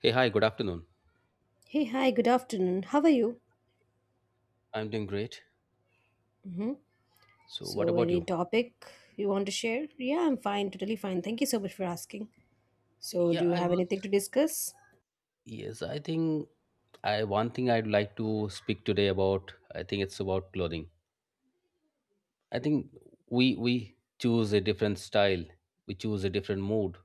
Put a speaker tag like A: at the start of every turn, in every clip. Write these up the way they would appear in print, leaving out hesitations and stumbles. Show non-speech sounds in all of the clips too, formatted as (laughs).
A: Hey, hi, good afternoon.
B: Hey, hi, good afternoon. How are you?
A: I'm doing great.
B: hmm
A: So, what
B: So,
A: about
B: any
A: you?
B: topic you want to share? Yeah, I'm fine, totally fine. Thank you so much for asking. So, do
A: Yeah,
B: you
A: I
B: have
A: was.
B: anything to discuss?
A: Yes, I think I one thing I'd like to speak today about, I think it's about clothing. I think we choose a different style, we choose a different mood,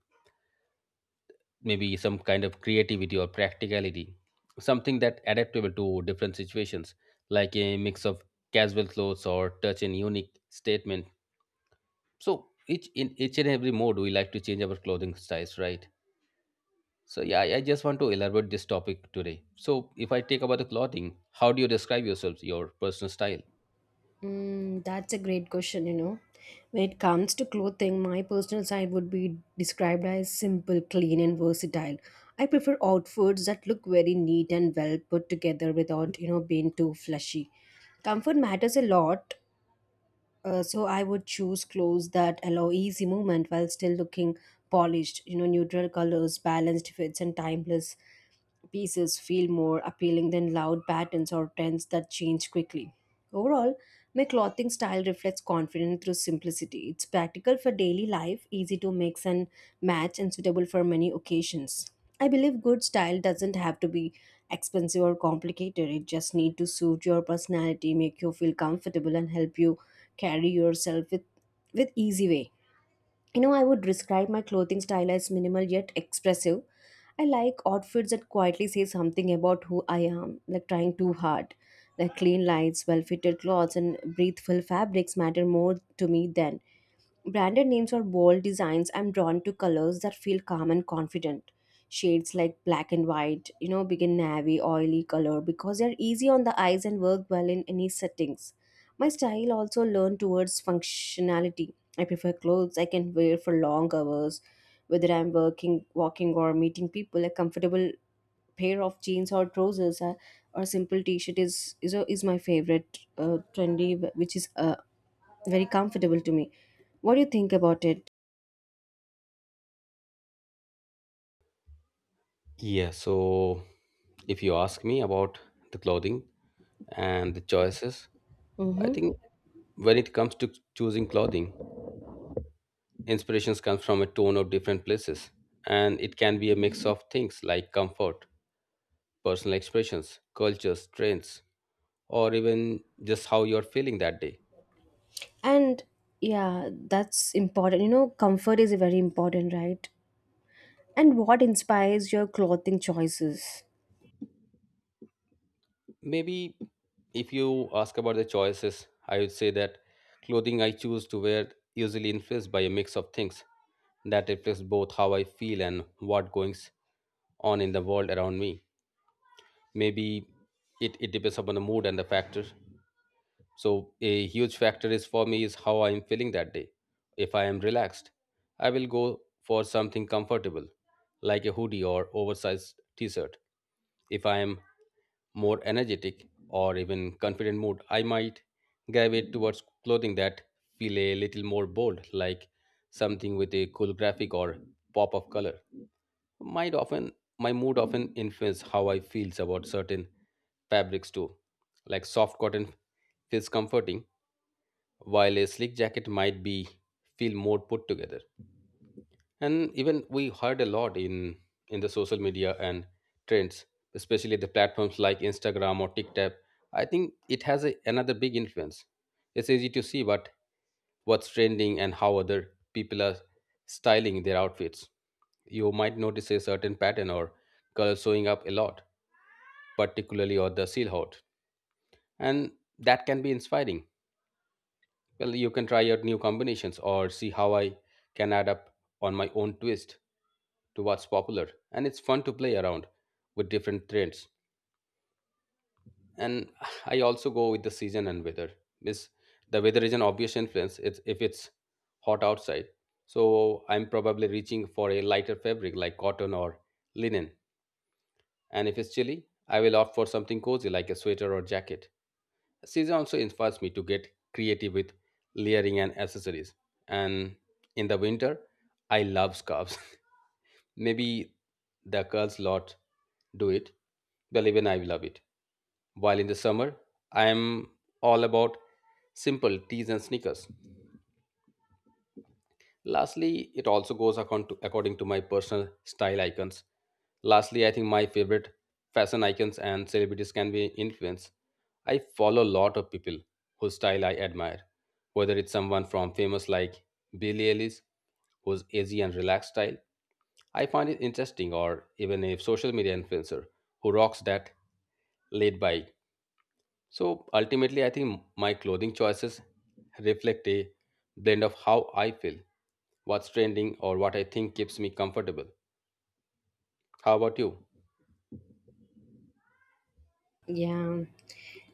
A: maybe some kind of creativity or practicality, something that adaptable to different situations, like a mix of casual clothes or touch and unique statement. So each and every mode we like to change our clothing styles, right? So yeah, I just want to elaborate this topic today. So if I take about the clothing, how do you describe yourselves, your personal style?
B: That's a great question. When it comes to clothing, my personal side would be described as simple, clean, and versatile. I prefer outfits that look very neat and well put together without being too flashy. Comfort matters a lot. So I would choose clothes that allow easy movement while still looking polished. You know, neutral colors, balanced fits, and timeless pieces feel more appealing than loud patterns or trends that change quickly. Overall, my clothing style reflects confidence through simplicity. It's practical for daily life, easy to mix and match, and suitable for many occasions. I believe good style doesn't have to be expensive or complicated. It just needs to suit your personality, make you feel comfortable, and help you carry yourself with easy way. You know, I would describe my clothing style as minimal yet expressive. I like outfits that quietly say something about who I am, like trying too hard. Like clean lights, well fitted clothes, and breathable fabrics matter more to me than branded names or bold designs. I'm drawn to colors that feel calm and confident. Shades like black and white, begin navy, oily color because they're easy on the eyes and work well in any settings. My style also learned towards functionality. I prefer clothes I can wear for long hours, whether I'm working, walking, or meeting people. A comfortable pair of jeans or trousers or simple t-shirt is my favorite trendy, which is very comfortable to me. What do you think about it?
A: Yeah, so if you ask me about the clothing and the choices, I
B: Mm-hmm.
A: think when it comes to choosing clothing, inspirations come from a ton of different places. And it can be a mix of things like comfort, personal expressions, cultures, trends, or even just how you're feeling that day.
B: And yeah, that's important. You know, comfort is very important, right? And what inspires your clothing choices?
A: Maybe if you ask about the choices, I would say that clothing I choose to wear usually influenced by a mix of things that reflects both how I feel and what goings on in the world around me. Maybe it depends upon the mood and the factors. So a huge factor is for me is how I am feeling that day. If I am relaxed, I will go for something comfortable, like a hoodie or oversized t-shirt. If I am more energetic, or even confident mood, I might gravitate towards clothing that feel a little more bold, like something with a cool graphic or pop of color. Might often my mood often influence how I feels about certain fabrics too. Like soft cotton feels comforting, while a sleek jacket might be feel more put together, and even we heard a lot in the social media and trends, especially the platforms like Instagram or TikTok. I think it has a, another big influence. It's easy to see what's trending and how other people are styling their outfits. You might notice a certain pattern or color showing up a lot, particularly or the seal hot, and that can be inspiring. Well, you can try out new combinations or see how I can add up on my own twist to what's popular. And it's fun to play around with different trends. And (sighs) I also go with the season and weather. Miss The weather is an obvious influence. It's If it's hot outside. So I'm probably reaching for a lighter fabric like cotton or linen. And if it's chilly, I will opt for something cozy like a sweater or jacket. Season also inspires me to get creative with layering and accessories. And in the winter, I love scarves. (laughs) Maybe the girls lot do it, but even I love it. While in the summer, I am all about simple tees and sneakers. Lastly, it also goes according to, according to my personal style icons. Lastly, I think my favorite fashion icons and celebrities can be influenced. I follow a lot of people whose style I admire, whether it's someone from famous like Billie Eilish, whose easy and relaxed style I find it interesting, or even a social media influencer who rocks that laid back. So ultimately, I think my clothing choices reflect a blend of how I feel, what's trending, or what I think keeps me comfortable. How about you?
B: Yeah.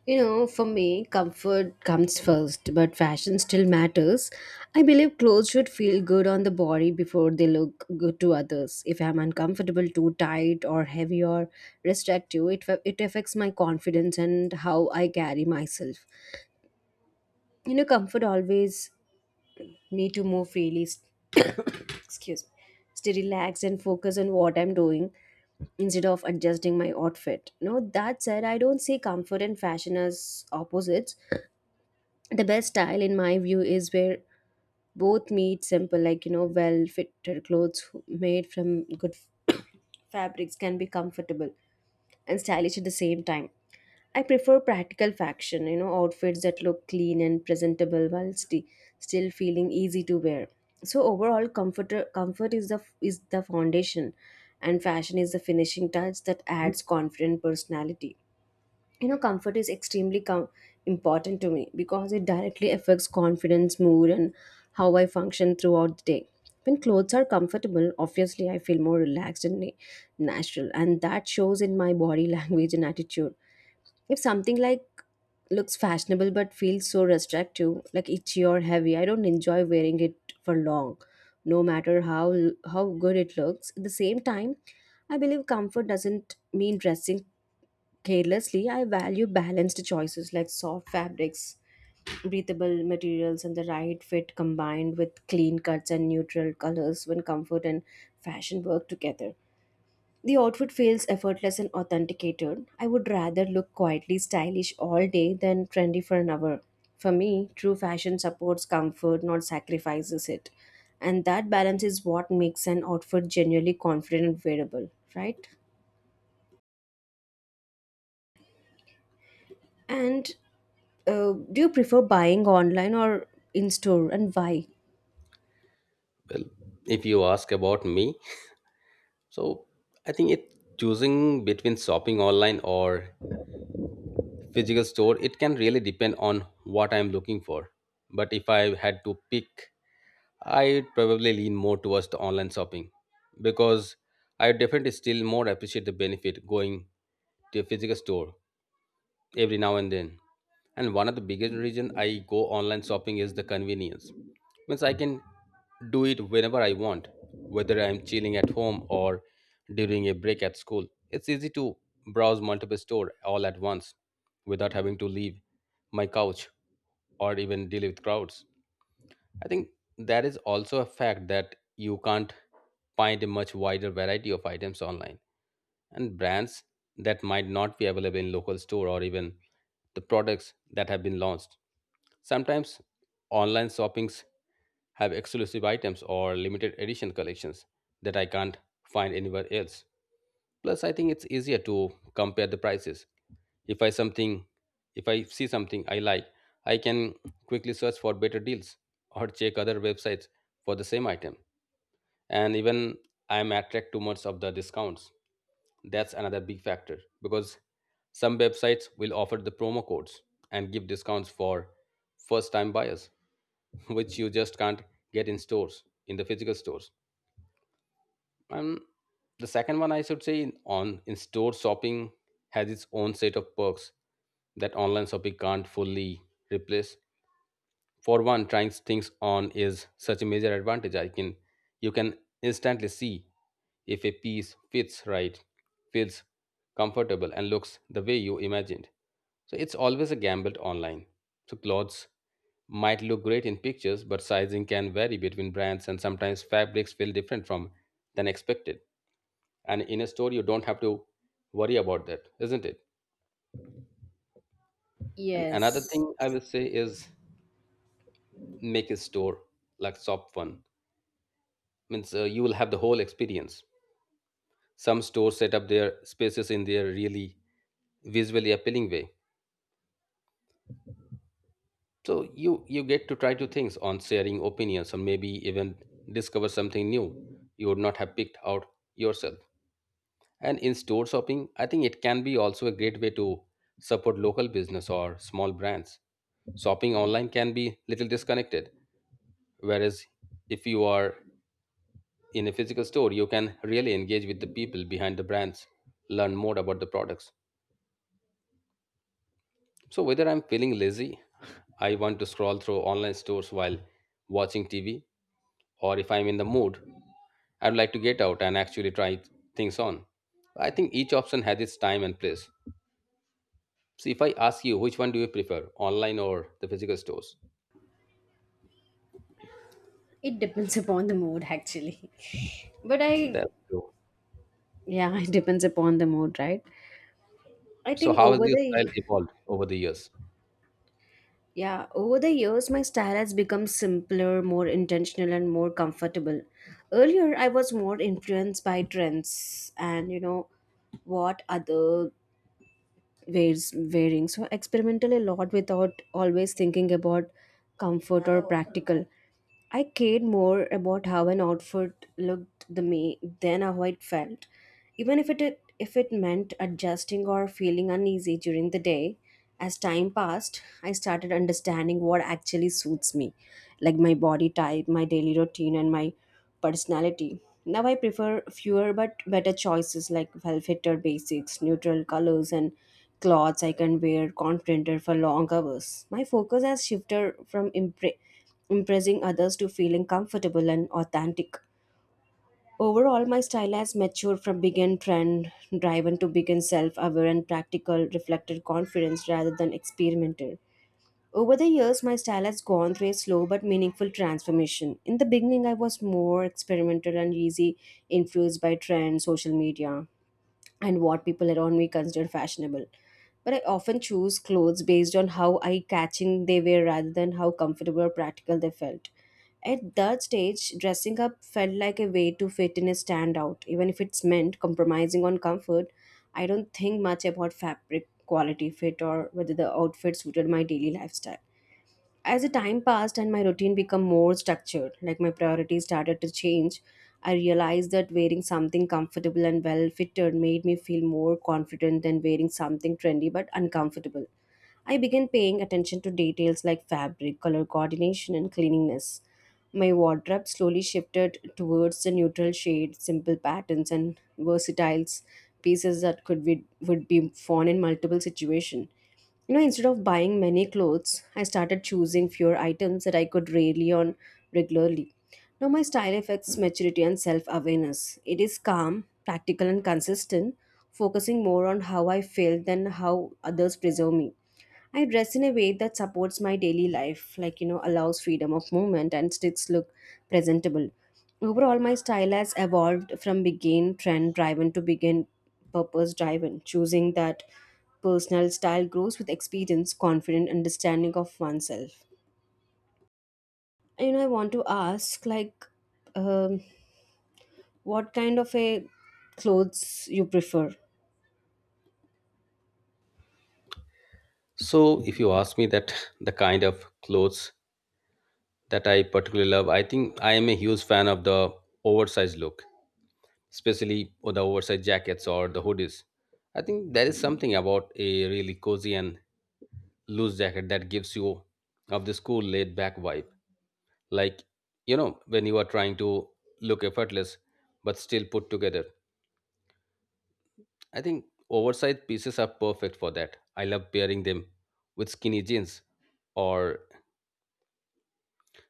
B: You know, for me, comfort comes first, but fashion still matters. I believe clothes should feel good on the body before they look good to others. If I'm uncomfortable, too tight, or heavy or restrictive, it affects my confidence and how I carry myself. You know, comfort always me to move freely. Excuse me. Stay relaxed and focus on what I'm doing instead of adjusting my outfit. No, that said, I don't see comfort and fashion as opposites. The best style, in my view, is where both meet simple, like well fitted clothes made from good (coughs) fabrics can be comfortable and stylish at the same time. I prefer practical fashion, outfits that look clean and presentable while still feeling easy to wear. So overall, comfort is the foundation, and fashion is the finishing touch that adds confident personality. You know, comfort is extremely important to me because it directly affects confidence, mood, and how I function throughout the day. When clothes are comfortable, obviously I feel more relaxed and natural, and that shows in my body (laughs) language and attitude. If something like looks fashionable but feels so restrictive, like itchy or heavy, I don't enjoy wearing it for long, no matter how good it looks. At the same time, I believe comfort doesn't mean dressing carelessly. I value balanced choices like soft fabrics, breathable materials, and the right fit combined with clean cuts and neutral colors when comfort and fashion work together. The outfit feels effortless and authenticated. I would rather look quietly stylish all day than trendy for an hour. For me, true fashion supports comfort, not sacrifices it. And that balance is what makes an outfit genuinely confident and wearable, right? And do you prefer buying online or in store and why?
A: Well, if you ask about me, so I think it choosing between shopping online or physical store, it can really depend on what I'm looking for. But if I had to pick, I'd probably lean more towards the online shopping, because I definitely still more appreciate the benefit going to a physical store every now and then. And one of the biggest reason I go online shopping is the convenience. Means I can do it whenever I want, whether I'm chilling at home or during a break at school. It's easy to browse multiple store all at once without having to leave my couch or even deal with crowds. I think there is also a fact that you can't find a much wider variety of items online and brands that might not be available in local store or even the products that have been launched. Sometimes online shoppings have exclusive items or limited edition collections that I can't find anywhere else. Plus, I think it's easier to compare the prices. If I something, if I see something I like, I can quickly search for better deals or check other websites for the same item. And even I am attracted to much of the discounts. That's another big factor because some websites will offer the promo codes and give discounts for first time buyers, (laughs) which you just can't get in stores, in the physical stores. And the second one, I should say, in- on in store shopping has its own set of perks that online shopping can't fully replace. For one, trying things on is such a major advantage. I can You can instantly see if a piece fits right, feels comfortable, and looks the way you imagined. So it's always a gamble online. So clothes might look great in pictures, but sizing can vary between brands, and sometimes fabrics feel different from than expected, and in a store you don't have to worry about that, isn't it? And another
B: Yes,
A: thing I will say is make a store like shop fun. Means you will have the whole experience. Some stores set up their spaces in their really visually appealing way, so you get to try to things on, sharing opinions and maybe even discover something new you would not have picked out yourself. And in store shopping, I think it can be also a great way to support local business or small brands. Shopping online can be little disconnected, whereas if you are in a physical store, you can really engage with the people behind the brands, learn more about the products. So whether I'm feeling lazy, I want to scroll through online stores while watching TV, or if I'm in the mood, I'd like to get out and actually try things on. I think each option has its time and place. So if I ask you, which one do you prefer, online or the physical stores?
B: it depends (laughs) upon the mood actually. (laughs) But I,
A: That's true.
B: yeah, it depends upon the mood, right? I
A: So
B: think
A: how has
B: over
A: your
B: the
A: style evolved over the years?
B: Yeah, over the years, my style has become simpler, more intentional, and more comfortable. Earlier, I was more influenced by trends and what other ways wearing. So, I experimented a lot without always thinking about comfort or practical. I cared more about how an outfit looked the me than how it felt, even if it meant adjusting or feeling uneasy during the day. As time passed, I started understanding what actually suits me, like my body type, my daily routine, and my personality. Now I prefer fewer but better choices like well-fitted basics, neutral colors, and clothes I can wear confidenter for long hours. My focus has shifted from impressing others to feeling comfortable and authentic. Overall, my style has matured from begin trend driven to begin self aware and practical, reflected confidence rather than experimental. Over the years, my style has gone through a slow but meaningful transformation. In the beginning, I was more experimental and easy, influenced by trends, social media and what people around me consider fashionable, but I often choose clothes based on how I catching they were rather than how comfortable or practical they felt. At that stage dressing up felt like a way to fit in and stand out even if it's meant compromising on comfort. I don't think much about fabric quality fit or whether the outfit suited my daily lifestyle. As the time passed and my routine became more structured, like my priorities started to change, I realized that wearing something comfortable and well fitted made me feel more confident than wearing something trendy but uncomfortable. I began paying attention to details like fabric, color coordination, and cleanliness. My wardrobe slowly shifted towards the neutral shades, simple patterns, and versatile pieces that could be would be worn in multiple situations. You know, instead of buying many clothes, I started choosing fewer items that I could rely on regularly. Now, my style affects maturity and self awareness. It is calm, practical, and consistent, focusing more on how I feel than how others preserve me. I dress in a way that supports my daily life, like allows freedom of movement and sticks look presentable. Overall, my style has evolved from begin trend driven to begin purpose driven, choosing that personal style grows with experience, confident understanding of oneself. You know, I want to ask, like, um, what kind of a clothes you prefer?
A: So if you ask me that (laughs) the kind of clothes that I particularly love, I think I am a huge fan of the oversized look, especially or the oversized jackets or the hoodies. I think there is something about a really cozy and loose jacket that gives you of this cool laid back vibe. Like, you know, when you are trying to look effortless but still put together. I think oversized pieces are perfect for that. I love pairing them with skinny jeans, or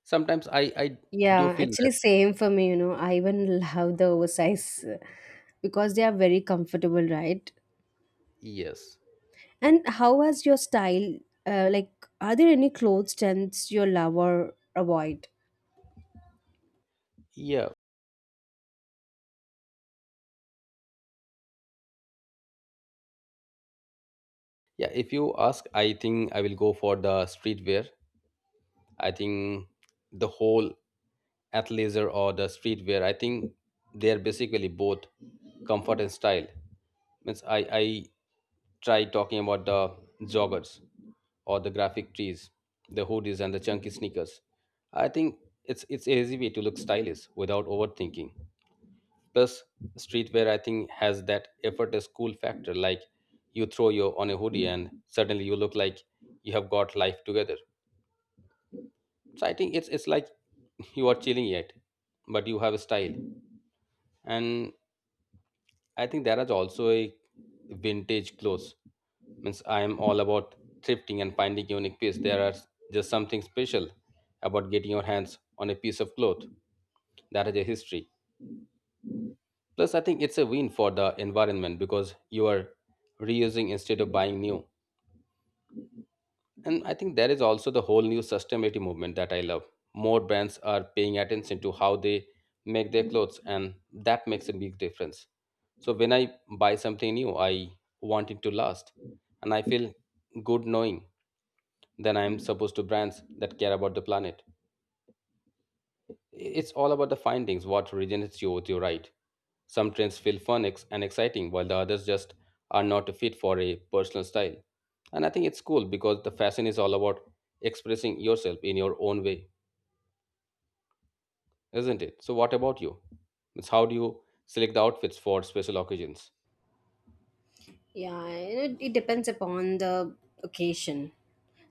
A: sometimes I do
B: Yeah,
A: feel
B: actually,
A: that
B: same for me. You know, I even (laughs) love the oversize because they are very comfortable, right?
A: yes,
B: And how has your style, uh, like, are there any clothes trends you love or avoid?
A: yeah, yeah. If you ask, I think I will go for the streetwear. I think the whole athleisure or the streetwear, I think they are basically both comfort and style. Means I try talking about the joggers or the graphic tees, the hoodies and the chunky sneakers. I think it's a easy way to look stylish without overthinking. Plus, streetwear I think has that effortless cool factor. Like you throw your on a hoodie and suddenly you look like you have got life together. So I think it's like (laughs) you are chilling yet, but you have a style. And I think there is also a vintage clothes. Means I am all about thrifting and finding unique piece. There are just something special about getting your hands on a piece of cloth that has a history. Plus, I think it's a win for the environment because you are reusing instead of buying new. And I think there is also the whole new sustainability movement that I love. More brands are paying attention to how they make their clothes, and that makes a big difference. So when I buy something new, I want it to last, and I feel good knowing that I am supposed to brands that care about the planet. It's all about the findings, what originates you with you, right? Some trends feel fun ex- and exciting, while the others just are not fit for a personal style. And I think it's cool because the fashion is all about expressing yourself in your own way, isn't it? So, what about you? It's how do you select the outfits for special occasions?
B: Yeah, it depends upon the occasion.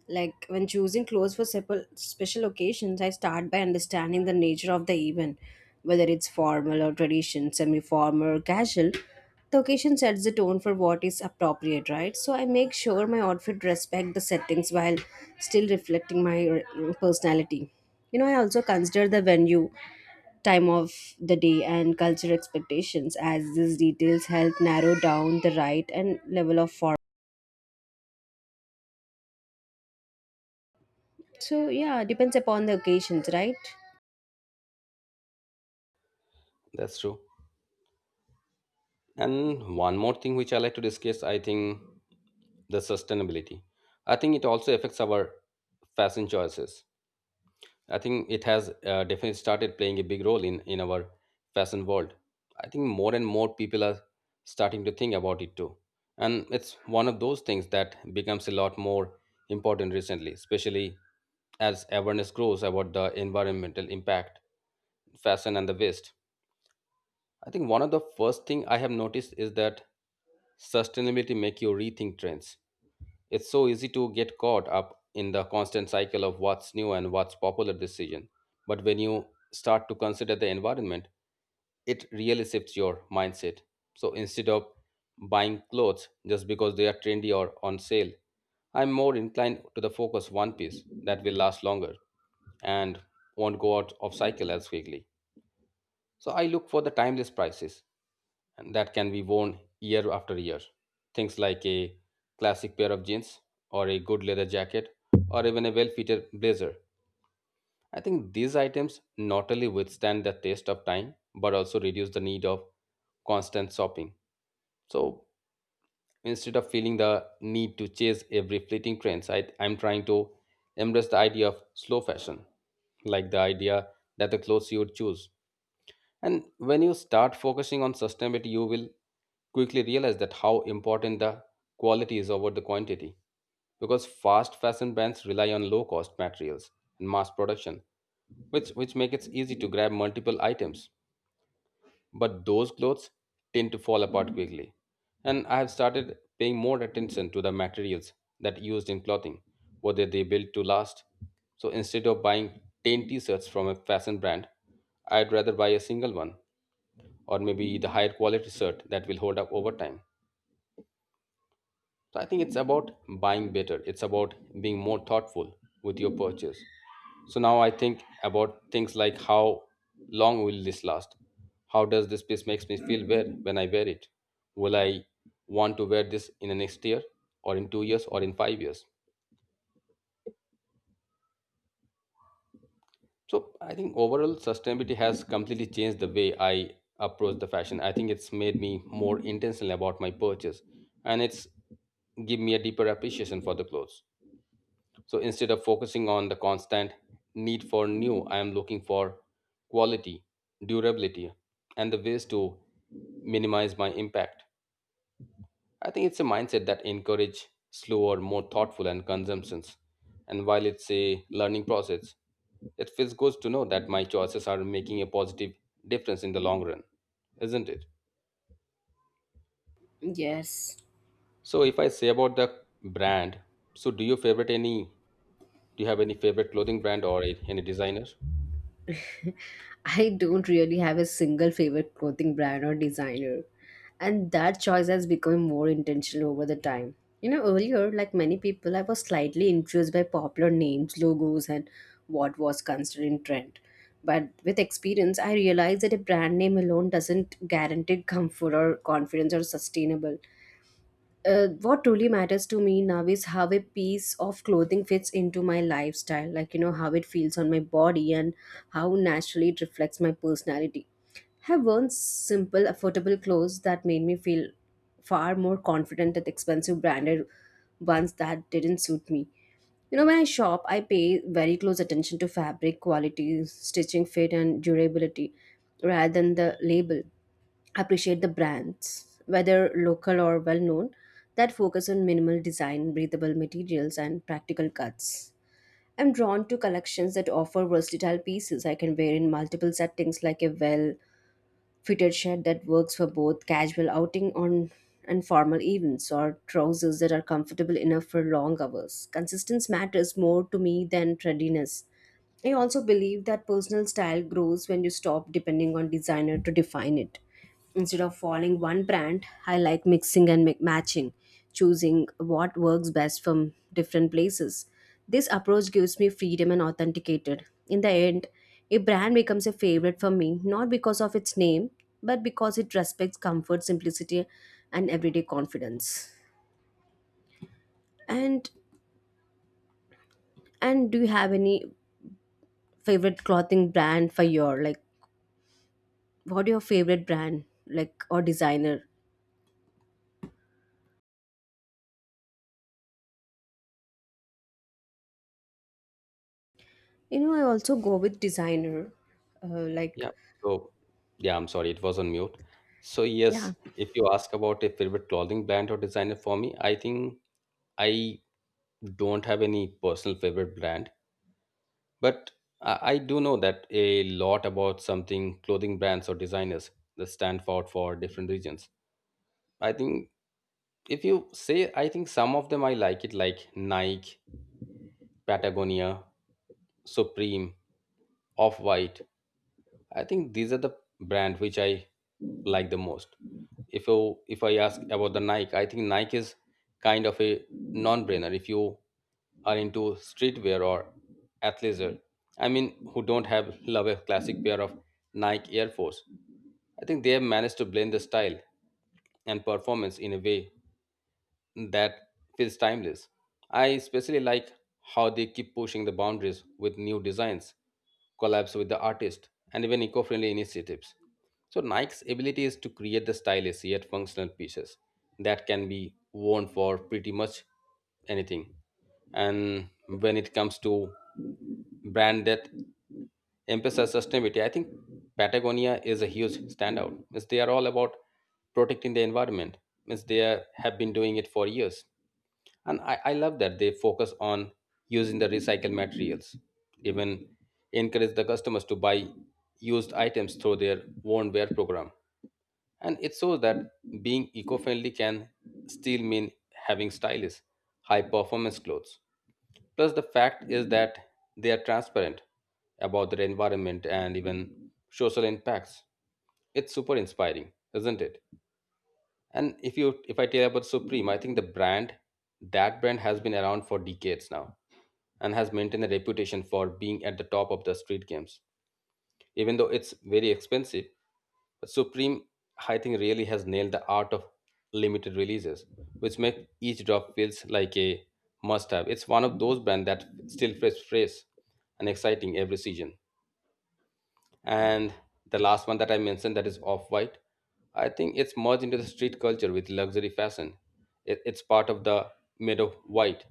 B: Like when choosing clothes for special occasions, I start by understanding the nature of the event, whether it's formal or tradition, semi formal or casual. The occasion sets the tone for what is appropriate, right? So I make sure my outfit respect the settings while still reflecting my personality. You know, I also consider the venue, time of the day and cultural expectations as these details help narrow down the right and level of form. So yeah, depends upon the occasions, right?
A: That's true. And one more thing which I like to discuss, I think the sustainability. I think it also affects our fashion choices. I think it has definitely started playing a big role in our fashion world. I think more and more people are starting to think about it too. And it's one of those things that becomes a lot more important recently, especially as awareness grows about the environmental impact, fashion and the waste. I think one of the first thing I have noticed is that sustainability make you rethink trends. It's so easy to get caught up in the constant cycle of what's new and what's popular decision. But when you start to consider the environment, it really shifts your mindset. So instead of buying clothes just because they are trendy or on sale, I'm more inclined to the focus one piece that will last longer and won't go out of cycle as quickly. So I look for the timeless prices and that can be worn year after year. Things like a classic pair of jeans or a good leather jacket or even a well-fitted blazer. I think these items not only withstand the test of time but also reduce the need of constant shopping. So instead of feeling the need to chase every fleeting trend, I'm trying to embrace the idea of slow fashion, like the idea that the clothes you would choose, and when you start focusing on sustainability, you will quickly realize that how important the quality is over the quantity. Because fast fashion brands rely on low cost materials and mass production, which make it easy to grab multiple items. But those clothes tend to fall apart quickly. And I have started paying more attention to the materials that used in clothing, whether they built to last. So instead of buying 10 t-shirts from a fashion brand, I'd rather buy a single one or maybe the higher quality shirt that will hold up over time. So I think it's about buying better. It's about being more thoughtful with your purchase. So now I think about things like how long will this last? How does this piece makes me feel wear when I wear it? Will I want to wear this in the next year or in 2 years or in 5 years? So I think overall sustainability has completely changed the way I approach the fashion. I think it's made me more intentional about my purchase, and it's give me a deeper appreciation for the clothes. So instead of focusing on the constant need for new, I am looking for quality, durability and the ways to minimize my impact. I think it's a mindset that encourage slower, more thoughtful and consumptions. And while it's a learning process, it feels good to know that my choices are making a positive difference in the long run, isn't it?
B: Yes.
A: So if I say about the brand, so do you favorite any, do you have any favorite clothing brand or any designer?
B: (laughs) I don't really have a single favorite clothing brand or designer. And that choice has become more intentional over the time. You know, earlier, like many people, I was slightly influenced by popular names, logos, and what was considered in trend. But with experience, I realized that a brand name alone doesn't guarantee comfort or confidence or sustainable. What truly matters to me now is how a piece of clothing fits into my lifestyle, like how it feels on my body and how naturally it reflects my personality. Have worn simple, affordable clothes that made me feel far more confident than expensive branded ones that didn't suit me. You know, when I shop, I pay very close attention to fabric quality, stitching fit, and durability rather than the label. Appreciate the brands, whether local or well known, that focus on minimal design, breathable materials, and practical cuts. I'm drawn to collections that offer versatile pieces I can wear in multiple settings, like a well fitted shirt that works for both casual outing on and formal events, or trousers that are comfortable enough for long hours. Consistency matters more to me than trendiness. I also believe that personal style grows when you stop depending on designer to define it. Instead of following one brand, I like mixing and matching, choosing what works best from different places. This approach gives me freedom and authenticated. In the end, a brand becomes a favorite for me not because of its name, but because it respects comfort, simplicity, and everyday confidence. And and do you have any favorite clothing brand for your like what your favorite brand like or designer, you know, I also go with designer, uh, like
A: Yeah. So yeah, I'm sorry, it was on mute. So
B: yeah,
A: yes, if you ask about a favorite clothing brand or designer for me, I think I don't have any personal favorite brand. But I do know that a lot about something clothing brands or designers that stand out for different regions. I think if you say, I think some of them I like it, like Nike, Patagonia, Supreme, Off White. I think these are the brand which I like the most. If you if I ask about the Nike, I think Nike is kind of a non-brainer. If you are into streetwear or athleisure, I mean, who don't have love a classic pair of Nike Air Force? I think they have managed to blend the style and performance in a way that feels timeless. I especially like how they keep pushing the boundaries with new designs, collabs with the artist, and even eco friendly initiatives. So Nike's ability is to create the stylish yet functional pieces that can be worn for pretty much anything. And when it comes to brand that emphasize sustainability, I think Patagonia is a huge standout. Means they are all about protecting the environment. Means they are, have been doing it for years, and I love that they focus on using the recycled materials, even encourage the customers to buy used items through their worn wear program, and it shows that being eco-friendly can still mean having stylish high performance clothes. Plus the fact is that they are transparent about their environment and even social impacts. It's super inspiring, isn't it? And if you if I tell you about Supreme, I think the brand, that brand has been around for decades now and has maintained a reputation for being at the top of the street games. Even though it's very expensive, but Supreme I think really has nailed the art of limited releases, which make each drop feels like a must have. It's one of those brands that still feels fresh and exciting every season. And the last one that I mentioned that is off-white. I think it's merged into the street culture with luxury fashion. It's part of the made of white.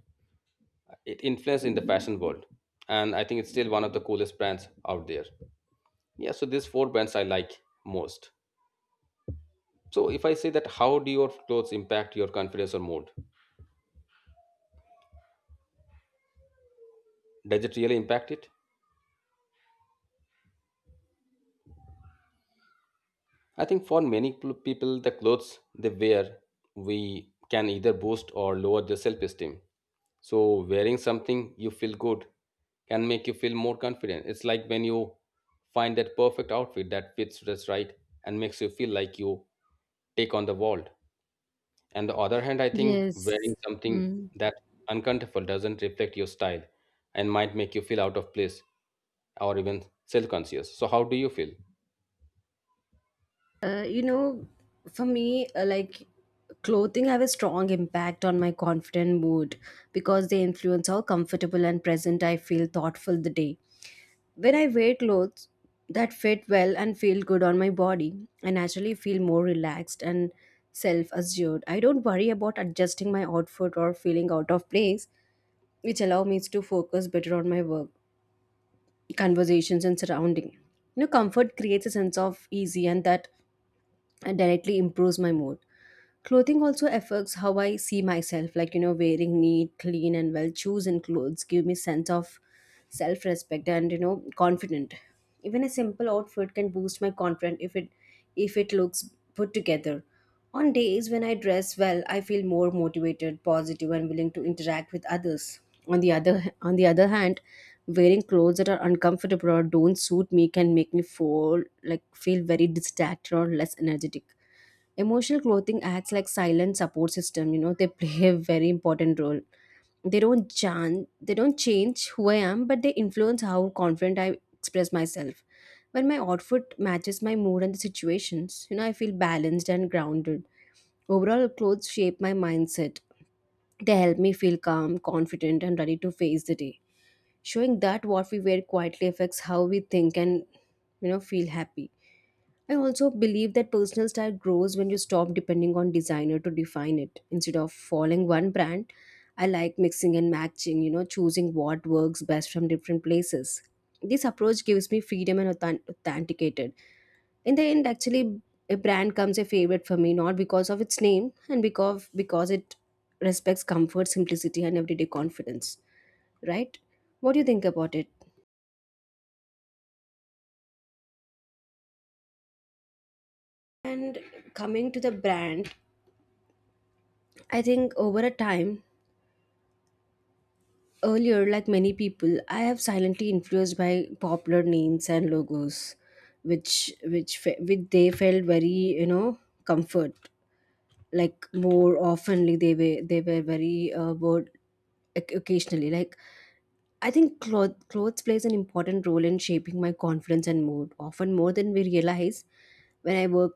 A: It influenced in the fashion world. And I think it's still one of the coolest brands out there. Yeah, so these four brands I like most. So if I say that how do your clothes impact your confidence or mood? Does it really impact it? I think for many people, the clothes they wear, we can either boost or lower their self esteem. So, wearing something you feel good can make you feel more confident. It's like when you find that perfect outfit that fits just right and makes you feel like you take on the world. And the other hand, I think
B: yes,
A: wearing something
B: mm.
A: that uncomfortable doesn't reflect your style and might make you feel out of place or even self conscious. So, how do you feel?
B: You know, for me, like, clothing have a strong impact on my confident mood, because they influence how comfortable and present I feel thoughtful the day. When I wear clothes that fit well and feel good on my body, I naturally feel more relaxed and self assured. I don't worry about adjusting my outfit or feeling out of place, which allow me to focus better on my work, conversations, and surrounding. You know, comfort creates a sense of easy, and that directly improves my mood. Clothing also affects how I see myself. Like, you know, wearing neat, clean, and well chosen clothes give me sense of self respect and, you know, confident. Even a simple outfit can boost my confidence if it looks put together. On days when I dress well, I feel more motivated, positive, and willing to interact with others. On the other hand, wearing clothes that are uncomfortable or don't suit me can make me feel like feel very distracted or less energetic. Emotional clothing acts like silent support system, you know, they (laughs) play a very important role. They don't change who I am, but they influence how confident I express myself. When my outfit matches my mood and the situations, you know, I feel balanced and grounded. Overall, clothes shape my mindset. They help me feel calm, confident, and ready to face the day. Showing that what we wear quietly affects how we think and, you know, feel happy. I also believe that personal style grows when you stop depending on designer to define it. Instead of following one brand, I like mixing and matching, you know, choosing what works best from different places. This approach gives me freedom and authenticated. In the end, actually, a brand comes a favorite for me not because of its name and because it respects comfort, simplicity, and everyday confidence. Right? What do you think about it? And coming to the brand, I think over a time. Earlier, like many people, I have silently influenced by popular names and logos, which they felt very, you know, comfort. Like more oftenly, they were very word occasionally. Like, I think clothes plays an important role in shaping my confidence and mood, often more than we realize. When I wear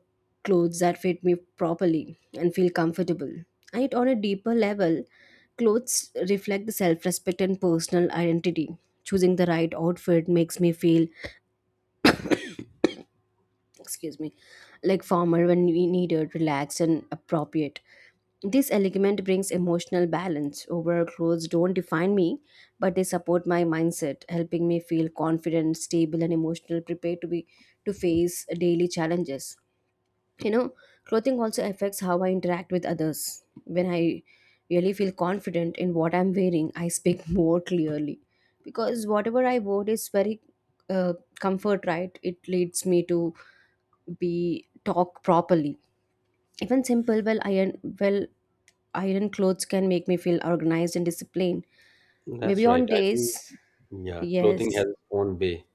B: clothes that fit me properly and feel comfortable, and yet on a deeper level, clothes reflect the self-respect and personal identity. Choosing the right outfit makes me feel, excuse me, like formal when we needed relaxed and appropriate. This element brings emotional balance. Overall, clothes don't define me, but they support my mindset, helping me feel confident, stable, and emotional prepared to face daily challenges. You know, clothing also affects how I interact with others. When I really feel confident in what I'm wearing, I speak (laughs) more clearly, because whatever I wore is very uh, comfort, right? It leads me to be talk properly. Even simple well iron, well iron clothes can make me feel organized and disciplined, maybe
A: That's right.
B: on
A: I think
B: days.
A: yeah, clothing
B: Yes,
A: has its own way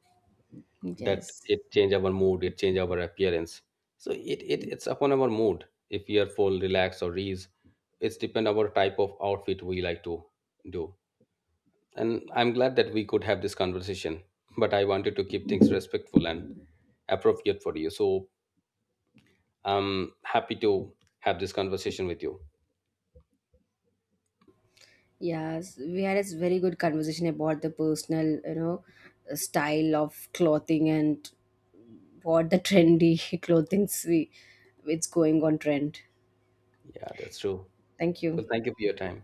A: that
B: yes,
A: it change our mood, it change our appearance. So it, it's upon our mood. If we are full, relaxed, or ease, it's depend our type of outfit we like to do. And I'm glad that we could have this conversation. But I wanted to keep things respectful and appropriate for you. So I'm happy to have this conversation with you.
B: yes, we had a very good conversation about the personal, you know, style of clothing, and what the trendy (laughs) clothing we, it's going on trend.
A: Yeah, that's true.
B: Thank you.
A: Well, thank you for your time.